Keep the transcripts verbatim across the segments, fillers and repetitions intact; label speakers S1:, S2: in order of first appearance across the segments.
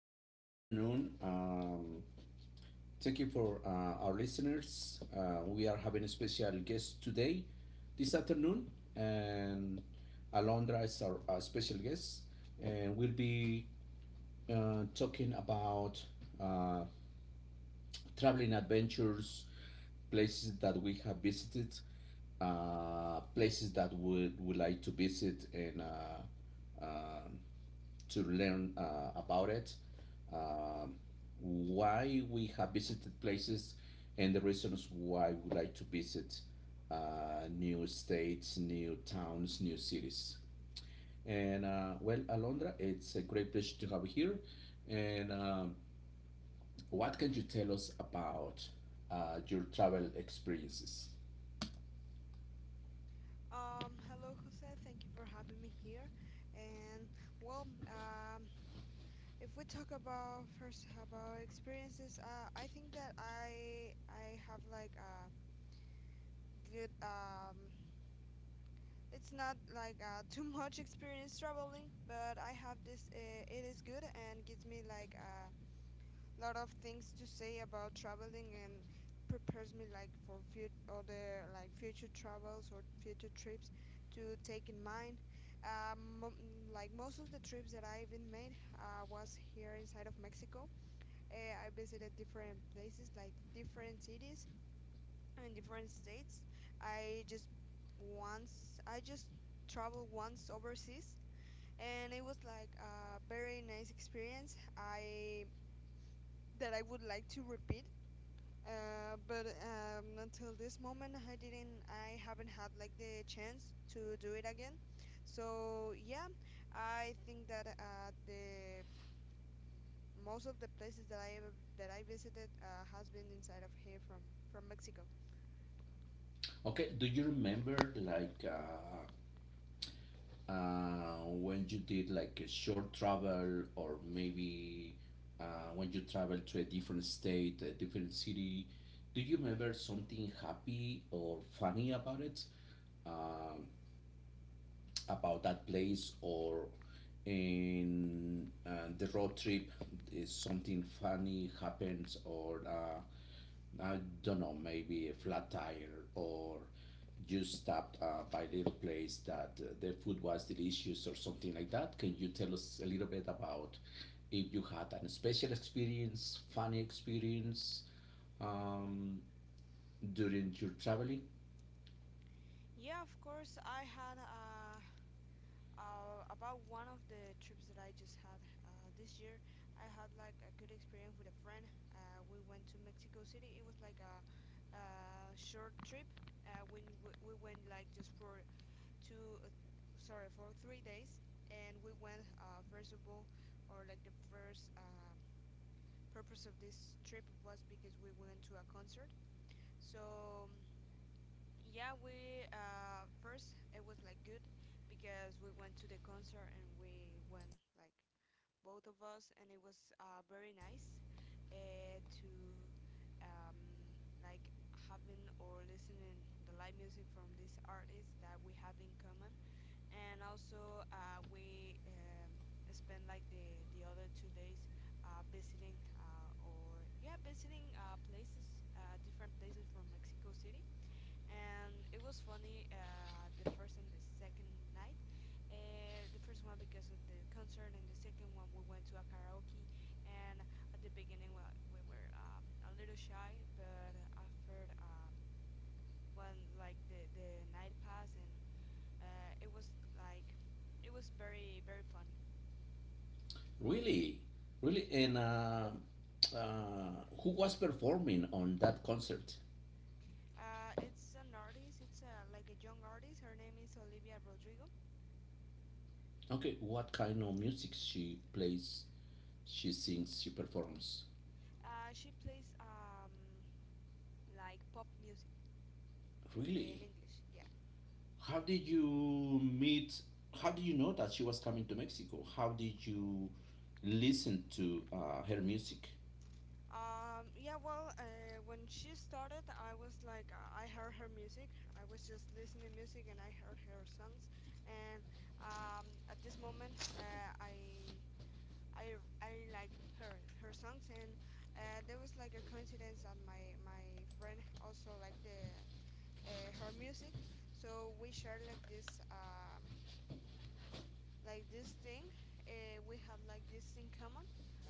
S1: Hello, good afternoon. Um, thank you for uh, our listeners. Uh, we are having a special guest today, this afternoon, and Alondra is our, uh special guest, and we'll be uh, talking about uh, traveling adventures, places that we have visited, uh, places that we would like to visit, and uh, um to learn uh, about it, um, why we have visited places, and the reasons why we like to visit uh, new states, new towns, new cities. And uh, well, Alondra, it's a great pleasure to have you here. And um, what can you tell us about uh, your travel experiences?
S2: Um, hello, Jose. Thank you for having me here. And well, um, if we talk about first about experiences, uh, I think that I I have like a good um. It's not like uh, too much experience traveling, but I have this. Uh, it is good and gives me like a lot of things to say about traveling and prepares me like for fut other like future travels or future trips to take in mind. Um, mo- like most of the trips that I've been made uh, was here inside of Mexico. Eh, I visited different places, like different cities and different states. I just Once I just traveled once overseas, and it was like a very nice experience. I That I would like to repeat uh, but um, until this moment, I didn't, I haven't had like the chance to do it again. So yeah, I think that uh, the most of the places that I ever that I visited uh, has been inside of here from from Mexico.
S1: Okay, do you remember like uh, uh, when you did like a short travel or maybe uh, when you travel to a different state, a different city, do you remember something happy or funny about it, Um about that place or in uh, the road trip? Is something funny happens or uh, I don't know, maybe a flat tire or you stopped uh, by a little place that uh, the food was delicious or something like that. Can you tell us a little bit about if you had an special experience, funny experience um, during your traveling?
S2: Yeah, of course, I had. A Uh, about one of the trips that I just had uh, this year, I had like a good experience with a friend. Uh, we went to Mexico City. It was like a, a short trip. Uh, when we, we went like just for two, uh, sorry, for three days, and we went uh, first of all, or like the first um purpose of this trip was because we went to a concert. So um, yeah, we uh first it was like good because we went to the concert and we went like both of us, and it was uh very nice uh to um like having or listening the live music from these artists that we have in common. And also uh we um spent like the the other two days uh visiting uh or yeah visiting uh places, uh different places from Mexico City. And it was funny, uh, the first and the second night. Uh, the first one because of the concert, and the second one we went to a karaoke. And at the beginning, well, we were um, a little shy, but after um, when like the the night passed, and uh, it was like it was very very funny.
S1: Really, really,
S2: Yeah,
S1: and uh, uh, who was performing on that concert?
S2: uh, it's an artist. It's uh, like a young artist. Her name is Olivia Rodrigo.
S1: Okay, what kind of music she plays, she sings, she performs?
S2: Uh, she plays um, like pop music in
S1: Really?
S2: English. Yeah.
S1: How did you meet? How did you know that she was coming to Mexico? How did you listen to uh, her music?
S2: Um, yeah, well, uh, when she started, I was like, uh, I heard her music. I was just listening music and I heard her songs. And um, at this moment, uh, I. I, I liked her her songs. And uh, there was like a coincidence that my, my friend also liked the uh, her music, so we shared like this um, like this thing. Uh, we had like this in common,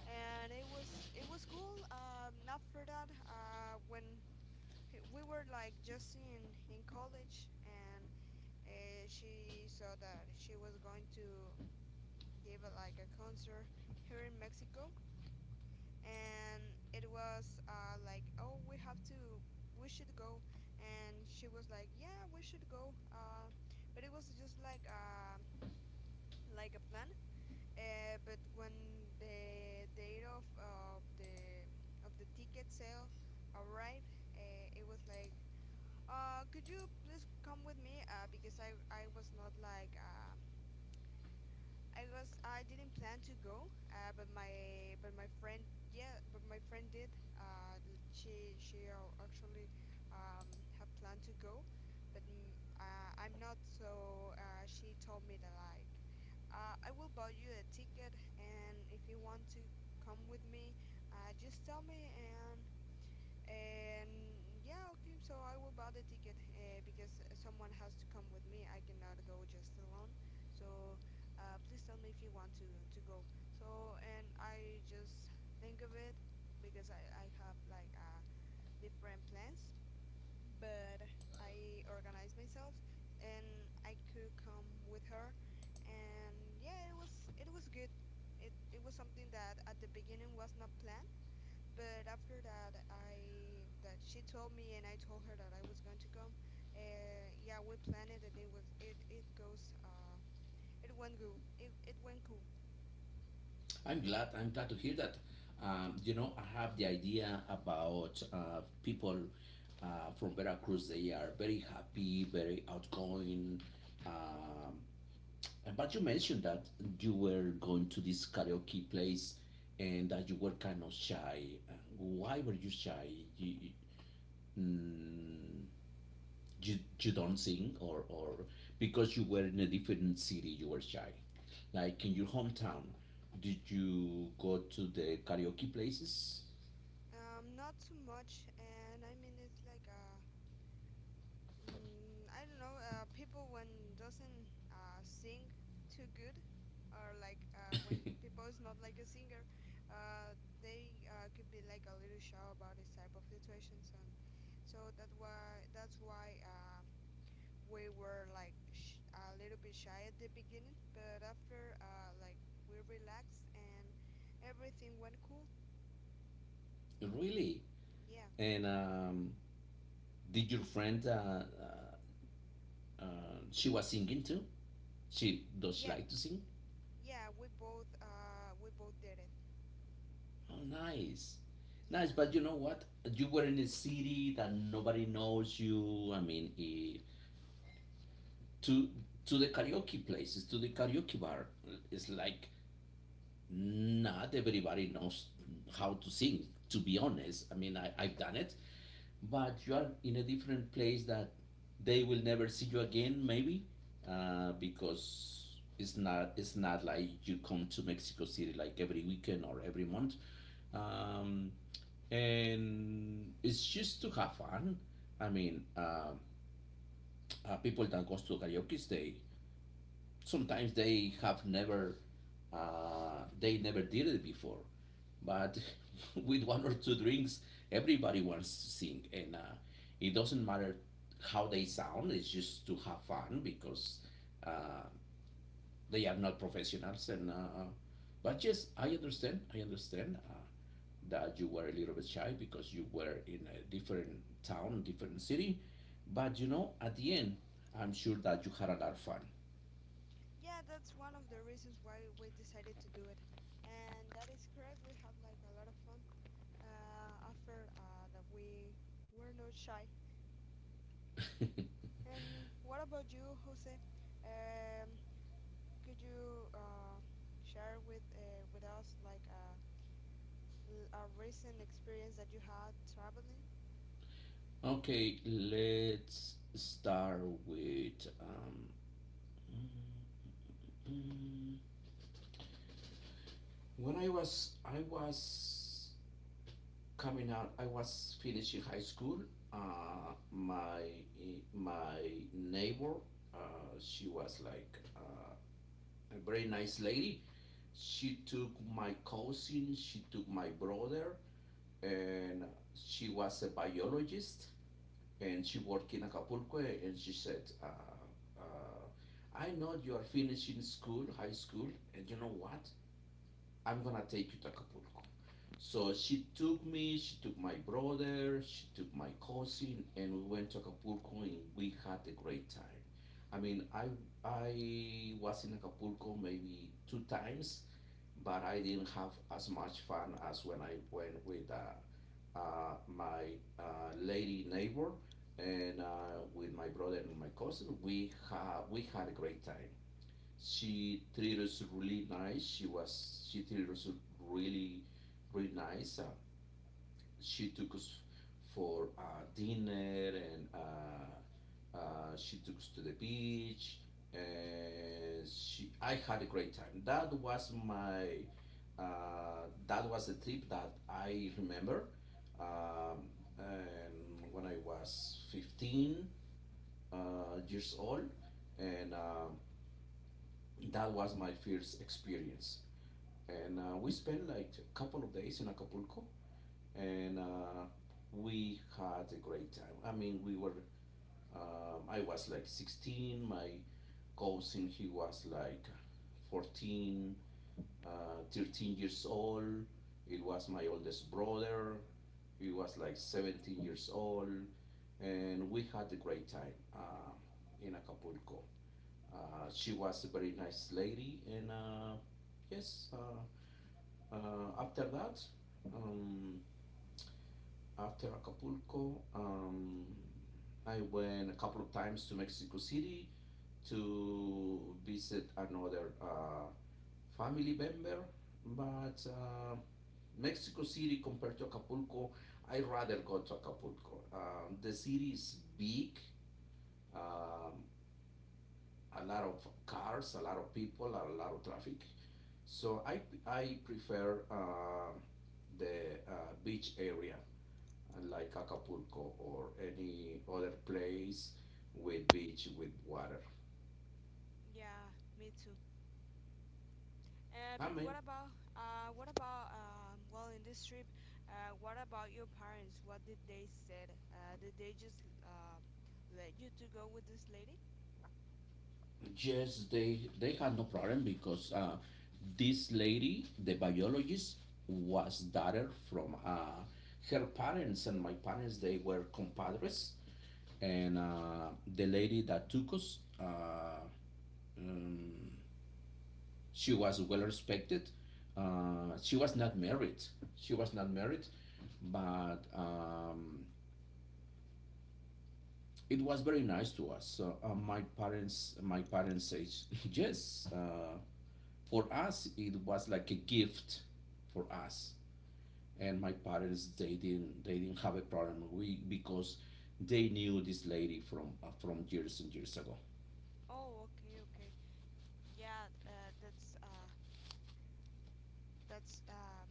S2: and it was it was cool. Um, after that, uh, when he- we were like just in in college, and uh, she saw that she was going to give a, like a concert here in Mexico, and it was uh, like, oh, we have to, we should go, and she was like, yeah, we should go. Uh, but it was just like um like a plan. Uh, but when the date of, of the of the ticket sale arrived, uh, it was like, uh, could you please come with me? Uh, because I I was not like uh, I was I didn't plan to go, uh, but my but my friend, yeah, but my friend did. Uh, l- she she uh, actually, um, had planned to go, but mm, uh, I'm not. So uh, she told me that like, uh, I will buy you a ticket, and if you want to come with me, uh, just tell me, and and yeah, okay, so I will buy the ticket uh, because someone has to come with me. I cannot go just alone. So uh, please tell me if you want to to go. So and I just think of it because I, I have like uh, different plans, but I organize myself and I could come with her. And yeah, it was it was good. It it was something that at the beginning was not planned, but after that, I that she told me and I told her that I was going to come. Uh, yeah, we planned it and it was it it goes uh it went cool. It it went cool.
S1: I'm glad. I'm glad to hear that. Um, you know, I have the idea about uh, people uh, from Veracruz. They are very happy, very outgoing. Um, but you mentioned that you were going to this karaoke place and that you were kind of shy. Uh, Why were you shy? You, you- mm, you, you don't sing or, or because you were in a different city you were shy like in your hometown. Did you go to the karaoke places?
S2: Um, not too much, and I mean it's like uh mm, I don't know, uh people when doesn't uh sing too good, or like uh when people is not like a singer, uh they uh could be like a little shy about this type of situations. And so that why that's why uh we were like sh- a little bit shy at the beginning, but after, uh, like we relaxed and everything went cool.
S1: Really?
S2: Yeah,
S1: And um, did your friend uh, uh, uh, she was singing too? She does, she
S2: yeah,
S1: like to sing?
S2: yeah. We both uh, we both did it.
S1: Oh, nice. Nice, but
S2: Yeah,
S1: you know what, you were in a city that nobody knows you. I mean, eh, to to the karaoke places, to the karaoke bar, it's like not everybody knows how to sing, to be honest. I mean, I, i've done it, but you are in a different place that they will never see you again maybe. Uh, because it's not it's not like you come to Mexico City like every weekend or every month. um, and it's just to have fun. I mean, um uh, people that goes to karaoke, they sometimes they have never uh, they never did it before. But with one or two drinks, everybody wants to sing, and uh, it doesn't matter how they sound. It's just to have fun because uh, they are not professionals. And uh, but yes, i understand i understand uh, that you were a little bit shy because you were in a different town, different city. But you know at the end, I'm sure that you had a lot of fun.
S2: yeah. That's one of the reasons why we decided to do it, and that is correct. We had like a lot of fun uh, after uh, that. We were not shy. And what about you, Jose? Um, could you uh, share with uh, with us like uh, L- a recent experience that you had traveling?
S1: Okay, let's start with um, mm, mm. when I was I was coming out. I was finishing high school. Uh, my my neighbor, uh, she was like uh, a very nice lady. She took my cousin. She took my brother, and she was a biologist and she worked in Acapulco and she said, uh, uh, I know you are finishing school, high school, and you know what? I'm gonna take you to Acapulco. So she took me, she took my brother, she took my cousin, and we went to Acapulco and we had a great time. I mean, I, I was in Acapulco maybe two times, but I didn't have as much fun as when I went with uh, uh, my uh, lady neighbor and uh, with my brother and my cousin. We ha- we had a great time. She treated us really nice. She was she treated us really, really nice. Uh, she took us for uh, dinner and uh, uh, she took us to the beach, and she, I had a great time. That was my uh, that was the trip that I remember. Um, and when I was fifteen uh, years old, and uh, that was my first experience. And uh, we spent like a couple of days in Acapulco, and uh, we had a great time. I mean, we were, um, I was like sixteen. My cousin, he was like fourteen, uh, thirteen years old. It was my oldest brother. He was like seventeen years old, and we had a great time uh, in Acapulco. Uh, she was a very nice lady, and uh, yes, uh, uh, after that, um, after Acapulco, um, I went a couple of times to Mexico City to visit another uh, family member. But uh, Mexico City compared to Acapulco, I rather go to Acapulco. Um, the city is big, um, a lot of cars, a lot of people, a lot of traffic. So I, I prefer uh, the uh, beach area, uh, like Acapulco or any other place with beach with water.
S2: Yeah, me too. Uh,
S1: I
S2: but
S1: mean,
S2: what about uh, what about um, well, in this trip, uh, what about your parents? What did they said? Uh, did they just um let you to go with this lady?
S1: yes, they they had no problem because uh, this lady, the biologist, was daughter from uh, her parents and my parents. They were compadres, and uh, the lady that took us, uh, um, she was well respected. Uh, she was not married. She was not married, but um, it was very nice to us. So uh, my parents, my parents said yes. Uh, for us it was like a gift for us, and my parents, they didn't they didn't have a problem we because they knew this lady from uh, from years and years ago.
S2: Oh, okay, okay. Yeah, uh, that's uh, that's uh,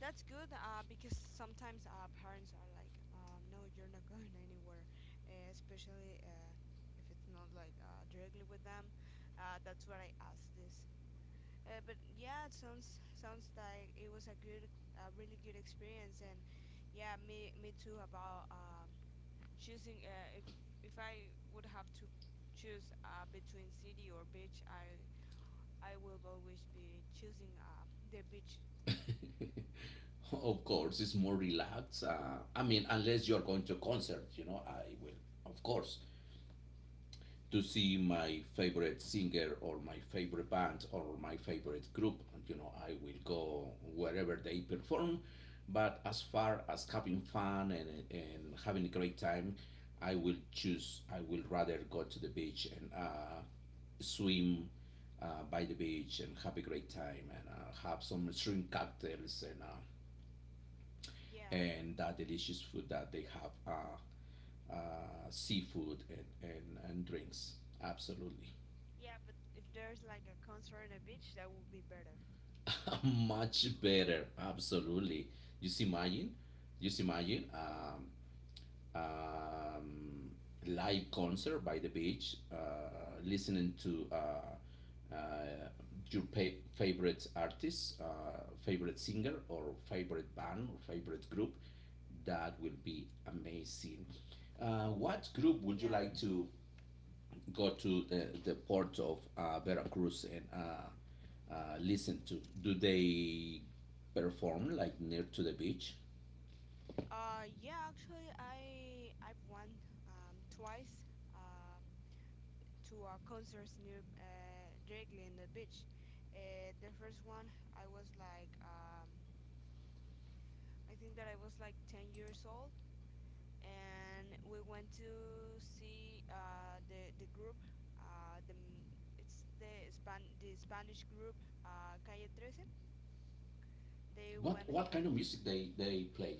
S2: That's good uh, because sometimes uh, parents are like, um, no, you're not going anywhere, uh, especially uh, if it's not like uh, directly with them. Uh, that's what I asked this. Uh, but yeah, it sounds sounds like it was a good, a really good experience. And yeah, me me too about um, choosing, uh, if if I would have to choose uh, between city or beach, I I will always be choosing uh, the beach.
S1: Of course, it's more relaxed, uh, I mean unless you're going to a concert, you know I will, of course, to see my favorite singer or my favorite band or my favorite group. You know, I will go wherever they perform. But as far as having fun and, and having a great time, I will choose, I will rather go to the beach and uh, swim uh, by the beach and have a great time, and uh, have some shrimp cocktails and uh,
S2: Yeah.
S1: and that delicious food that they have uh, uh, seafood and, and, and drinks. Absolutely.
S2: Yeah, but if there's like a concert on a beach, that would be better.
S1: Much better, absolutely. You see, imagine, you see, imagine um, um, live concert by the beach, uh, listening to uh, uh, your pa- favorite artist, uh, favorite singer, or favorite band, or favorite group. That will be amazing. Uh, what group would you
S2: Yeah.
S1: like to go to the, the port of uh, Veracruz and uh, uh, listen to? Do they perform like near to the beach?
S2: Uh, yeah. Actually, I I've went um, twice, uh, to a concerts near, uh, directly in the beach. Uh, the first one, I was like um, I think that I was like ten years old, and we went to see uh, the the group. Uh, the m- it's the Span the Spanish group, uh, Calle thirteen. They
S1: What
S2: went.
S1: what kind of music they they play?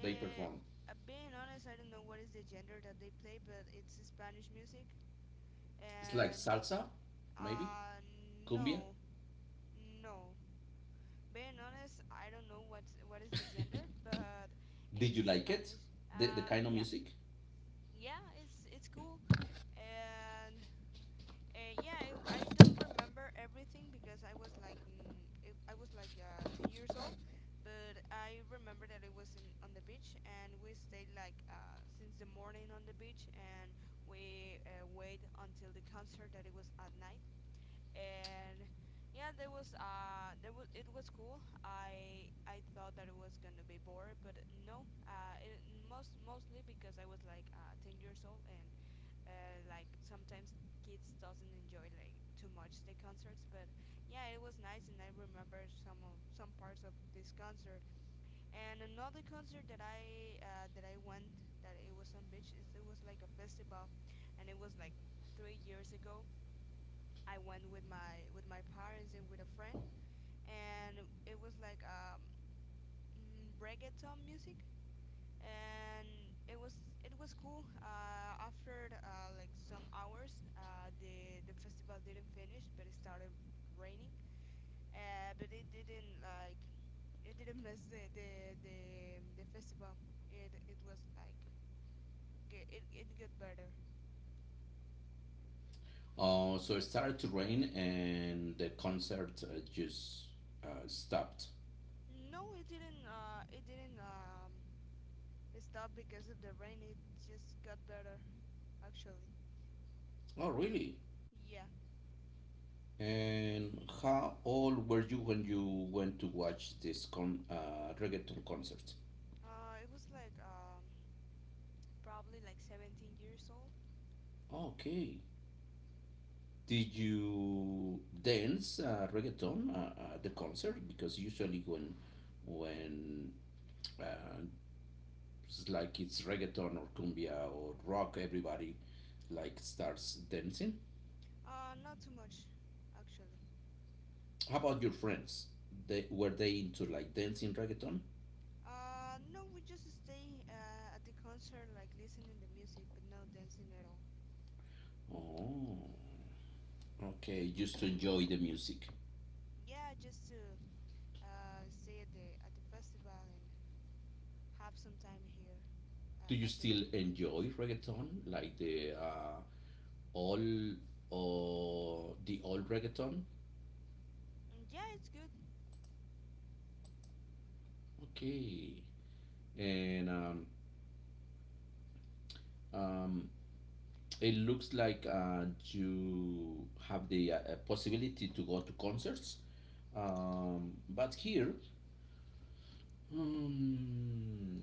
S1: They perform.
S2: uh, Being honest, I don't know what is the gender that they play, but it's Spanish music.
S1: It's like
S2: And
S1: salsa, maybe
S2: uh,
S1: cumbia.
S2: no, no. Being honest, I don't know what what is the gender, but
S1: Did
S2: it's
S1: you like it?
S2: Spanish.
S1: The the
S2: Um,
S1: kind of
S2: yeah,
S1: music.
S2: yeah, it's it's cool. And Uh, yeah, I, I don't remember everything because I was like mm, it, I was like uh, ten years old, but I remember that it was in on the beach and we stayed like uh, since the morning on the beach. And we uh, wait until the concert that it was at night. And yeah, there was uh there was it was cool. I I thought that it was gonna be bored, but no, uh it, most mostly because I was like uh, ten years old, and uh, like sometimes kids doesn't enjoy like too much the concerts. But yeah, it was nice, and I remember some of some parts of this concert. And another concert that i uh, that I went, that it was on beach, is it was like a festival. And it was like three years ago. I went with my with my parents and with a friend. And it was like um mm, reggaeton music. And it was it was cool. Uh, after uh, like some hours, uh, the the festival didn't finish, but it started raining. Uh, but it didn't like, it didn't mess the the the, the festival. It it was like get, it it got better.
S1: Uh, so it started to rain and the concert uh, just uh, stopped.
S2: No, it didn't. Uh, it didn't um stop because of the rain. It just got better actually.
S1: Oh really?
S2: Yeah.
S1: And how old were you when you went to watch this con uh, reggaeton concert?
S2: Uh, it was like um probably like seventeen years old.
S1: Okay. Did you dance uh, reggaeton uh, at the concert? Because usually when when uh, it's like it's reggaeton or cumbia or rock, everybody like starts dancing.
S2: Uh, not too much, actually.
S1: How about your friends? They were they into like dancing reggaeton?
S2: Uh, no, we just stay uh, at the concert, like listening to music, but no dancing at all.
S1: Oh, okay. Just to enjoy the music.
S2: Yeah, just to uh, stay at the at the festival and have some time here,
S1: Do you
S2: uh, at the
S1: still
S2: at the beach.
S1: enjoy reggaeton, like the uh, old or the old reggaeton?
S2: Mm, yeah, it's good.
S1: Okay, and um, um, it looks like uh, you have the uh, uh, possibility to go to concerts, um, but here, hmm,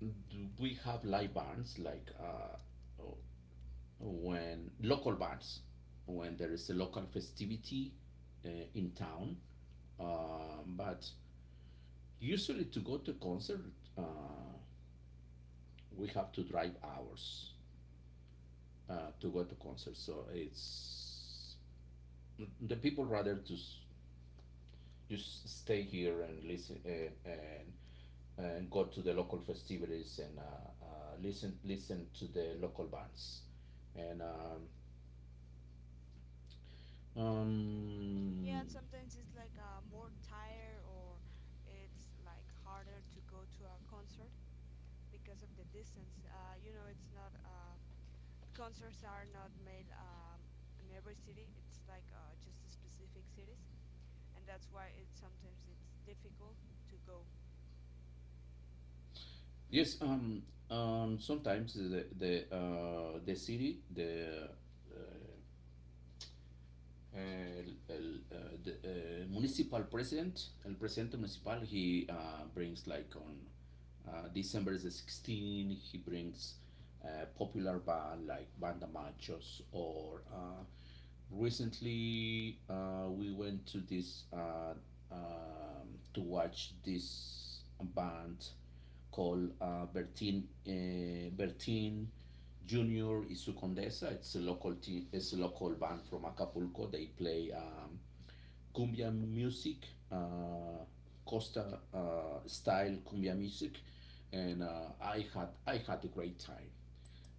S1: do we have live bands like uh, when local bands, when there is a local festivity uh, in town. Um, but usually to go to concert, uh, we have to drive hours uh, to go to concert. So it's the people rather to just stay here and listen, uh, and and go to the local festivities and uh, uh, listen listen to the local bands and um, um,
S2: Yeah, sometimes it's like uh, more tired, or it's like harder to go to a concert because of the distance. Uh, you know, it's not uh, concerts are not made um, in every city. It's like uh, just a specific cities, and that's why it sometimes it's difficult to go.
S1: Yes, um, um, sometimes the the uh, the city, the uh, el- el- uh, the uh, municipal president, el presidente municipal, he uh, brings like on uh, December the sixteenth he brings uh, popular band like Banda Machos or uh, recently uh, we went to this uh, um, to watch this band called uh, Bertin uh, Bertin Junior Isu Condesa. It's a local team. It's a local band from Acapulco. They play um, cumbia music, uh, Costa uh, style cumbia music, and uh, I had I had a great time.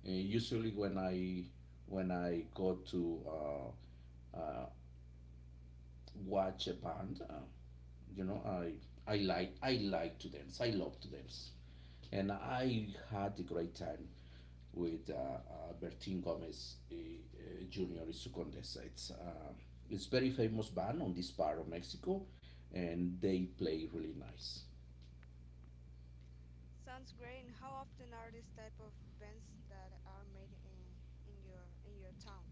S1: Uh, usually when I when I go to uh, watch a band. Uh, you know, I I like I like to dance. I love to dance, and I had a great time with uh, uh, Bertin Gomez uh, uh, Junior y su Condesa. It's uh, it's very famous band on this part of Mexico, and they play really nice.
S2: Sounds great. And how often are these type of events that are made in, in your in your town?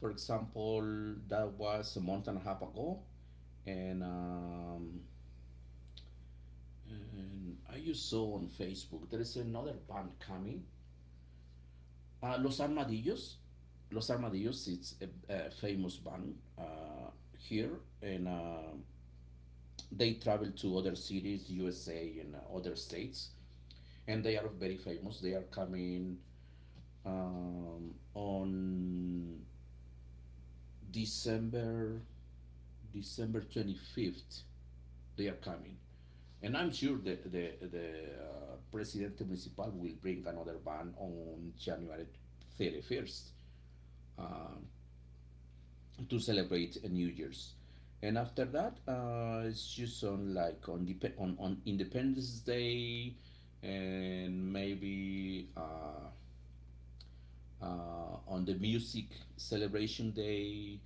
S1: For example, that was a month and a half ago, and um, and I just saw on Facebook there is another band coming. Uh, Los Armadillos. Los Armadillos is a, a famous band uh, here, and uh, they travel to other cities, U S A, and uh, other states, and they are very famous. They are coming um, on December December twenty fifth. They are coming, and I'm sure that the the uh, Presidente Municipal will bring another band on January thirty first. Uh, to celebrate uh, New Year's. And after that, uh, it's just on like on dep- on, on Independence Day, and maybe uh, uh, on the music celebration day,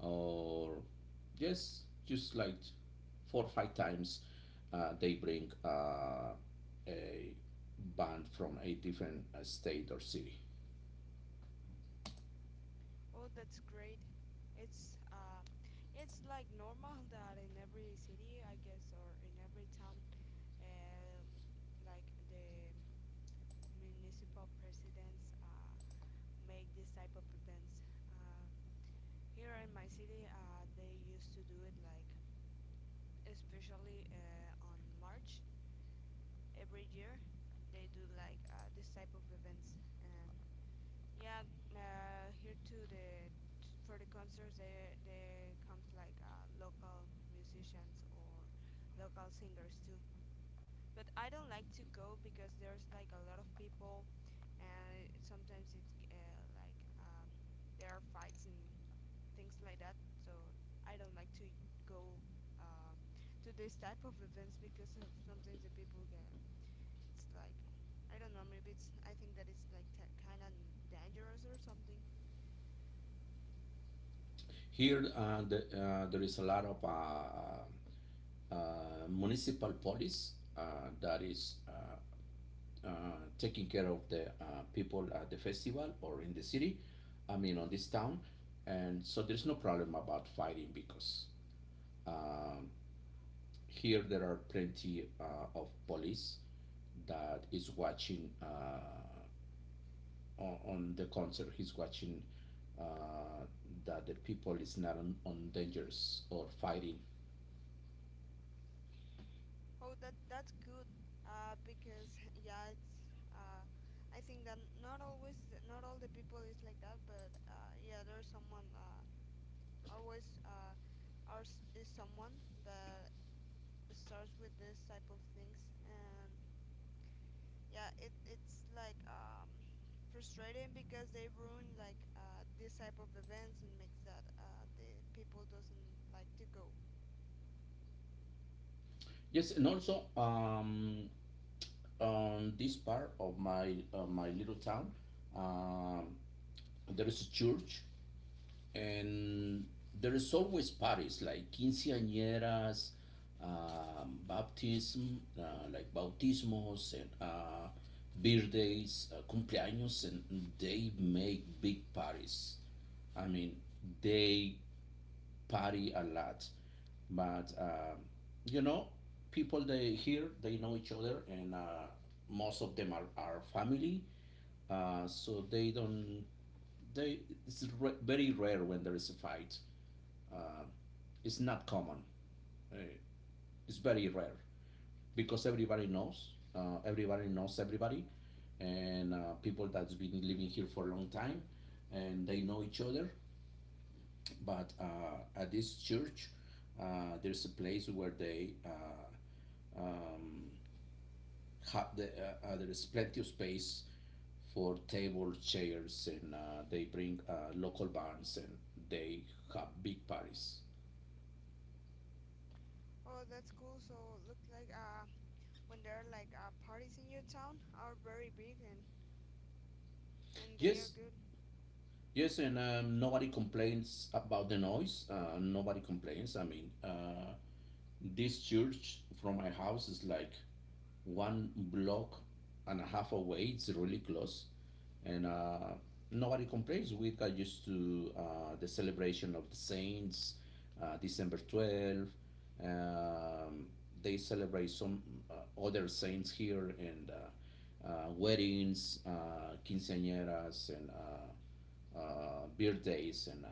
S1: or yes, just like four or five times, uh, they bring uh, a band from a different uh, state or city.
S2: Oh, that's great. It's uh, it's like normal that in every city, I guess, or in every town, uh, like the municipal presidents uh, make this type of events. Uh, Here in my city, uh, they used to do it like, especially uh, on March every year. They do like uh, this type of events, and yeah, uh, here to the to, for the concerts, they they comes like uh, local musicians or local singers too. But I don't like to go because there's like a lot of people, and it, sometimes it's uh, like um, there are fights and things like that. So I don't like to go um, to this type of events because of sometimes the people get it's like I don't know maybe it's I think that it's like t- kind of dangerous or something.
S1: Here, uh, the, uh, there is a lot of uh, uh, municipal police uh, that is uh, uh, taking care of the uh, people at the festival or in the city, I mean, on this town. And so there's no problem about fighting because um, here there are plenty uh, of police that is watching uh, on, on the concert. He's watching uh, that the people is not on, on dangers or fighting.
S2: Oh, that that's good. Uh, because yeah, it's uh, I think that not always th- not all the people is like that, but uh, yeah, there's someone uh, always uh, ours is someone that starts with this type of things and yeah it it's like um frustrating because they ruin like uh this type of events and makes that uh the people doesn't like to go.
S1: Yes, and also um, on this part of my uh, my little town, uh, there is a church, and there is always parties like quinceañeras, um, baptism, uh, like bautismos and uh, birthdays, uh, cumpleaños, and they make big parties. I mean, they party a lot. But um, you know, people they here they know each other, and uh, most of them are, are family. Uh, so they don't. They it's re- very rare when there is a fight. Uh, it's not common. Uh, it's very rare because everybody knows. Uh, everybody knows everybody, and uh, people that's been living here for a long time, and they know each other. But uh, at this church uh, there's a place where they uh, um, have the, uh, uh, there's plenty of space for tables, chairs, and uh, they bring uh, local bands and they have big parties.
S2: Oh, that's cool. So look like uh when there are like uh parties in your town are very big and and they are
S1: Yes,
S2: good.
S1: yes, and um, nobody complains about the noise. Uh, nobody complains. I mean, uh, this church from my house is like one block and a half away. It's really close, and uh, nobody complains. We got used to uh, the celebration of the saints, uh, December twelfth. Um, they celebrate some uh, other saints here and uh, uh, weddings, uh, quinceañeras, and uh, uh, birthdays, and uh,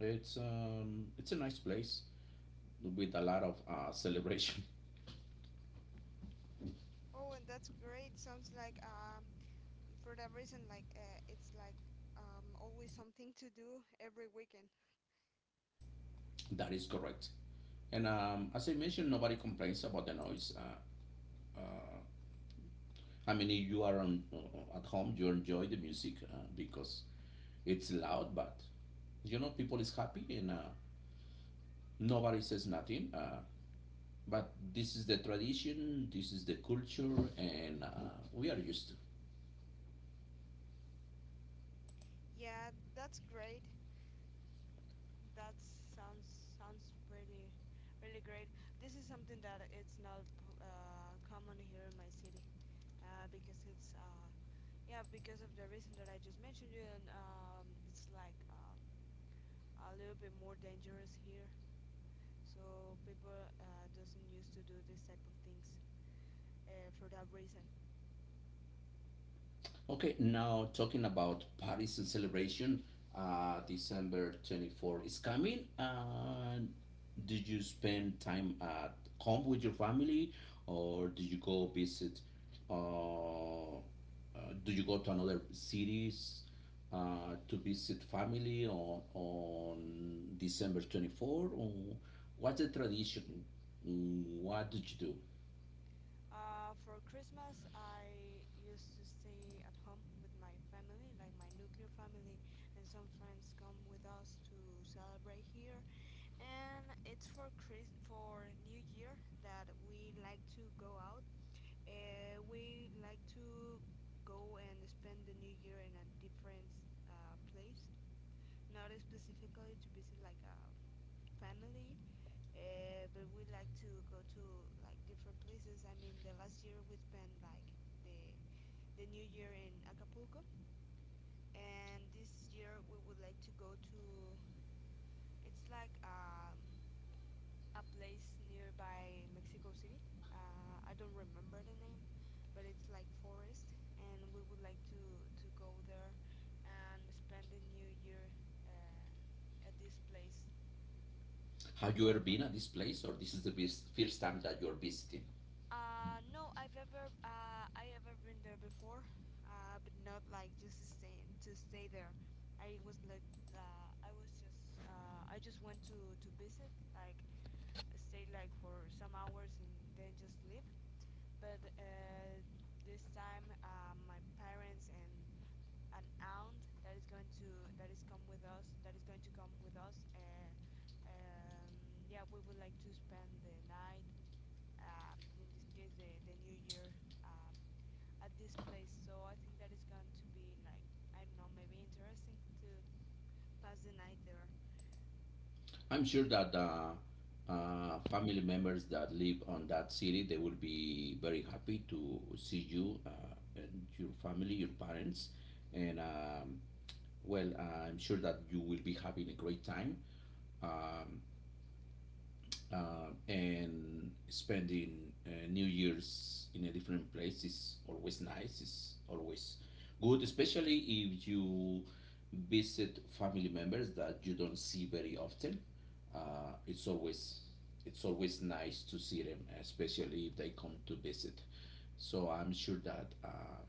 S1: it's um, it's a nice place with a lot of uh, celebration.
S2: Oh, and that's great. Sounds like uh for that reason like uh, it's like um always something to do every weekend.
S1: That is correct. And um, as I mentioned, nobody complains about the noise. Uh, I mean, if you are on, uh, at home, you enjoy the music uh, because it's loud, but you know, people is happy and uh, nobody says nothing. Uh, but this is the tradition, this is the culture, and uh, we are used to.
S2: Yeah, that's great. That sounds sounds really really great. This is something that it's not p- uh, common here in my city uh, because it's uh, yeah, because of the reason that I just mentioned you, and um, it's like um, a little bit more dangerous here. So people uh, doesn't used to do this type of things uh, for that reason.
S1: Okay, now talking about Paris and celebration, uh, December twenty-fourth is coming. Uh, did you spend time at home with your family or do you go visit? Uh, uh, do you go to another cities uh, to visit family on, on December twenty-fourth? Or what's the tradition? Mm, What did you do?
S2: Uh, for Christmas, I used to stay at home with my family, like my nuclear family, and some friends come with us to celebrate here, and it's for Chris for New Year that we like to go out. Uh, we like to go and spend the New Year in a different uh, place, not specifically to visit like a family, uh, but we like to go to like different places. I mean, the last year we spent like the the New Year in Acapulco, and this year we would like to go to. It's like um a place nearby Mexico City. Uh, I don't remember the name, but it's like forest, and we would like to to go there and spend the new year uh, at this place. And
S1: Have you
S2: what
S1: ever
S2: about
S1: been at
S2: you?
S1: this place or this is the best, first time that you're visiting?
S2: Uh, no, I've ever uh, I ever been there before, uh, but not like just to stay to stay there. I was like uh, I was just uh, I just went to to visit, like stay like for some hours and then just leave. but uh, this time uh, my parents and an aunt that is going to that is come with us that is going to come with us. Uh, um, yeah, we would like to spend the night. Um, in this case, the the New Year um, at this place. So I think that is going to be like I don't know, maybe interesting to pass the night there.
S1: I'm sure that uh, uh, family members that live on that city they will be very happy to see you uh, and your family, your parents, and um, well, I'm sure that you will be having a great time uh, and spending uh, New Year's in a different place is always nice. It's always good, especially if you visit family members that you don't see very often. Uh, it's always it's always nice to see them, especially if they come to visit. So I'm sure that uh,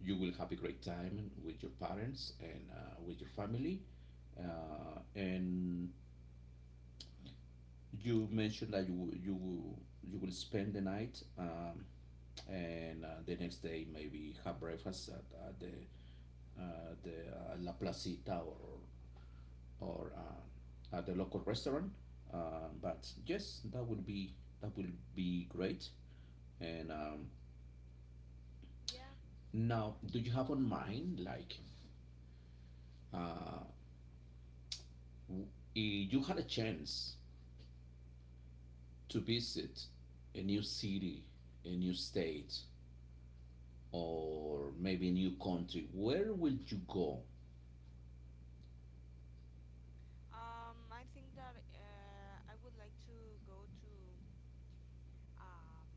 S1: you will have a great time with your parents and uh, with your family. Uh, and you mentioned that you you you will spend the night um, and uh, the next day maybe have breakfast at, at the uh, the uh, La Placita or or uh, at the local restaurant. Uh, but yes, that would be that will be great. And um,
S2: Yeah.
S1: now, do you have on mind like uh, w- if you had a chance to visit a new city, a new state? Or maybe new country, where will you go?
S2: Um, I think that uh, I would like to go to um,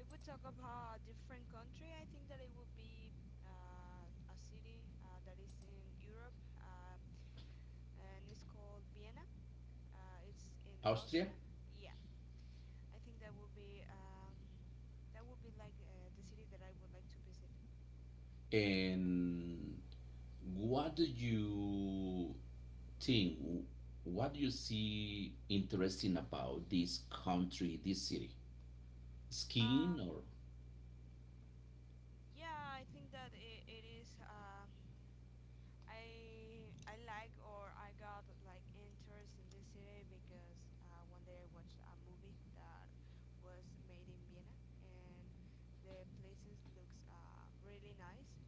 S2: if we talk about a different country, I think that it would be uh, a city uh, that is in Europe, uh, and it's called Vienna. Uh, it's in
S1: Austria?
S2: Austria. Yeah, I think that would be um, that would be like uh, the city that I would like to visit.
S1: And what do you think? What do you see interesting about this country, this city? Skiing
S2: Um,
S1: or
S2: yeah, I think that it, it is. Uh, I I like or I got like interest in this city because uh, one day I watched a movie that was made in Vienna, and the places looks uh, really nice,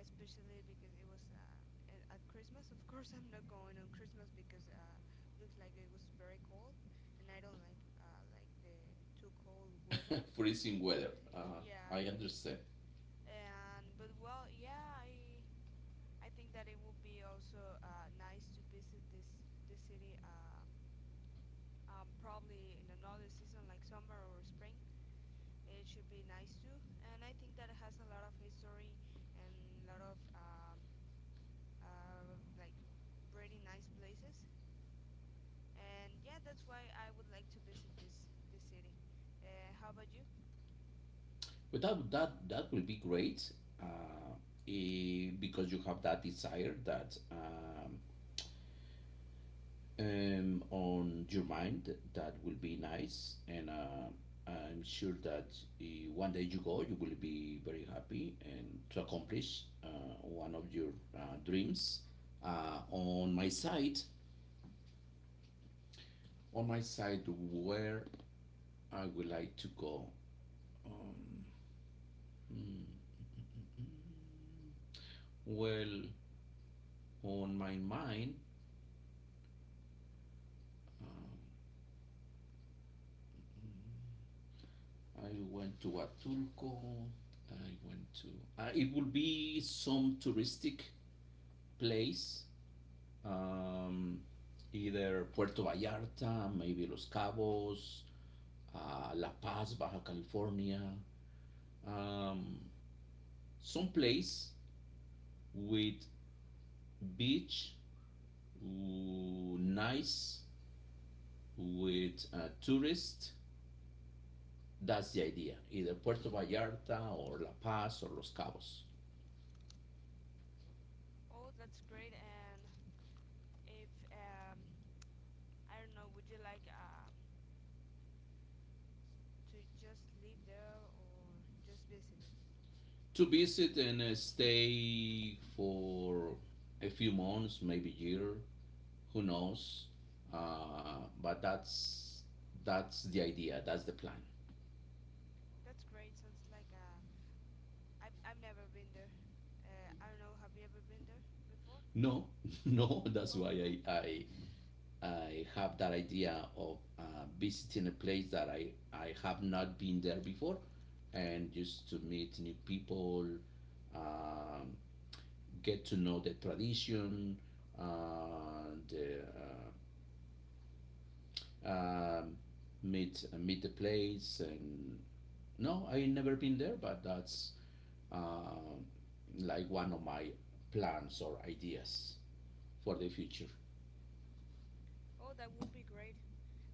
S2: especially because it was um, a- at Christmas. Of course, I'm not going on Christmas because uh, looks like it was very cold, and I don't like uh, like the too cold weather.
S1: freezing weather? Uh, I
S2: Yeah,
S1: understand.
S2: and but well, yeah, I I think that it would be also uh, nice to visit this this city um, um, probably in another season like summer or spring. It should be nice too, and I think that it has a lot of history and a lot of um, uh, like really nice places. And yeah, that's why I would like to visit this this city. Uh, how about you?
S1: Without that, that will be great uh, eh, because you have that desire that um, um, on your mind. That will be nice, and uh, I'm sure that uh, one day you go, you will be very happy and to accomplish uh, one of your uh, dreams. Uh, on my side, on my side, where I would like to go. Um, well, on my mind, uh, I went to Atulco. I went to. Uh, it will be some touristic place, um, either Puerto Vallarta, maybe Los Cabos, uh, La Paz, Baja California, um, some place with beach, w- nice, with uh, tourists. That's the idea, either Puerto Vallarta or La Paz or Los Cabos.
S2: Oh, that's great. And if um, I don't know, would you like um, to just live there or just visit it?
S1: To visit and uh, stay for a few months, maybe a year, who knows, uh, but that's that's the idea, that's the plan.
S2: That's great. Sounds like uh, I've I've never been there. Uh, I don't know. Have you ever been there before?
S1: No, no, that's
S2: Oh,
S1: why. i
S2: okay.
S1: i, I have that idea of uh, visiting a place that I I have not been there before, and just to meet new people, um, get to know the tradition, uh, the uh, um meet uh, meet the place. And no, I never been there, but that's um, like one of my plans or ideas for the future.
S2: Oh, that would be great.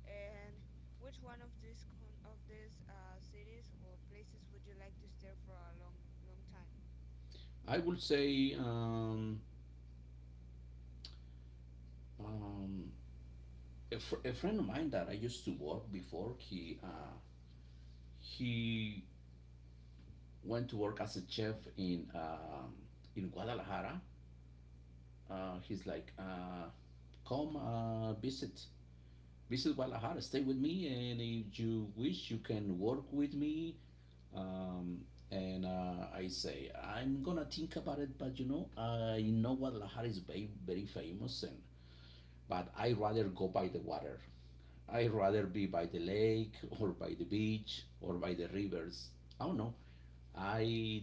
S2: And which one of these con of these uh, cities or places would you like to stay for a long long time?
S1: I would say um, um, a, fr- a friend of mine that I used to work before, he uh, he went to work as a chef in um, in Guadalajara. Uh, he's like, uh, come uh, visit visit Guadalajara, stay with me, and if you wish, you can work with me, um, and uh, I say I'm gonna think about it, but you know, I know Guadalajara is very very famous, and but I rather go by the water. I rather be by the lake or by the beach or by the rivers. I don't know. I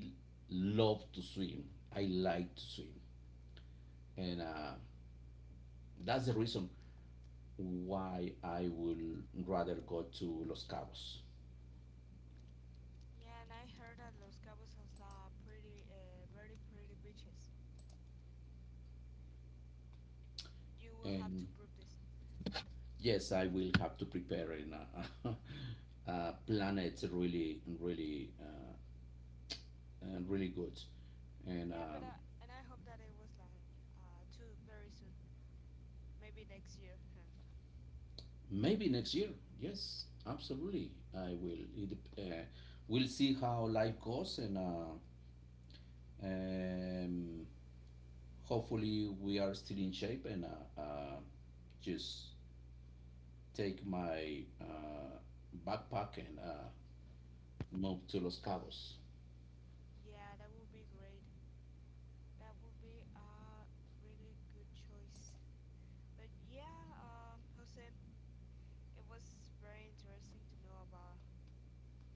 S1: love to swim. I like to swim, and uh, that's the reason why I would rather go to Los Cabos.
S2: Yeah, and I heard that Los Cabos has uh, pretty uh, very pretty beaches. You will have
S1: And
S2: to prove this.
S1: yes, I will have to prepare in a, a plan. It's really, really, uh, uh, really good, and
S2: Yeah, but
S1: um,
S2: uh, and I hope that it was like uh, too very soon. Maybe next year. Huh.
S1: maybe next year. Yes, absolutely, I will. It, dep- uh, we'll see how life goes, and uh, um, hopefully, we are still in shape. And uh, uh, just take my uh, backpack and uh, move to Los Cabos.
S2: Yeah, that would be great. That would be a really good choice. But yeah, um, Jose, it was very interesting to know about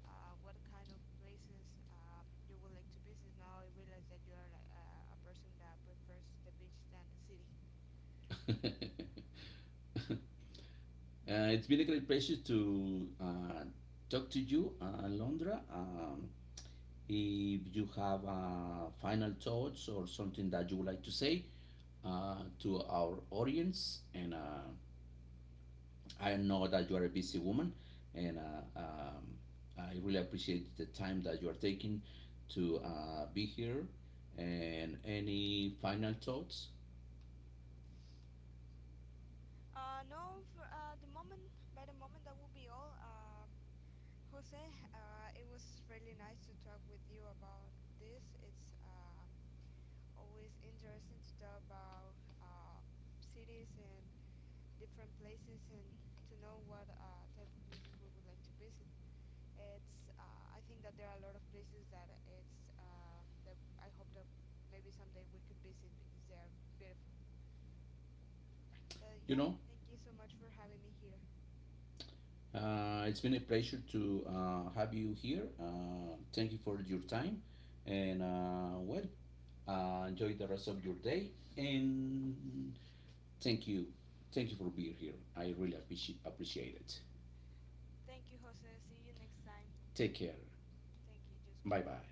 S2: uh, what kind of places um, you would like to visit. Now I realize that you are like, uh, a person that prefers the beach than the city.
S1: Uh, it's been a great pleasure to uh, talk to you, uh, Alondra. Um, if you have uh, final thoughts or something that you would like to say uh, to our audience, and uh, I know that you are a busy woman, and uh, um, I really appreciate the time that you are taking to uh, be here. And any final thoughts?
S2: Uh, no, for uh, the moment, by the moment, that will be all. Um, Jose, uh, it was really nice to talk with you about this. It's um always interesting to talk about uh, cities and different places and to know what uh, type of places we would like to visit. It's uh, I think that there are a lot of places that it's uh, that I hope that maybe someday we could visit because they are beautiful. But
S1: You
S2: yeah,
S1: know?
S2: thank you so much for having me here.
S1: Uh, it's been a pleasure to uh, have you here. Uh, thank you for your time. And uh, well, uh, enjoy the rest of your day. And thank you. Thank you for being here. I really appreciate, appreciate it.
S2: Thank you, Jose. See you next time.
S1: Take care.
S2: Thank you, just well.
S1: Bye bye.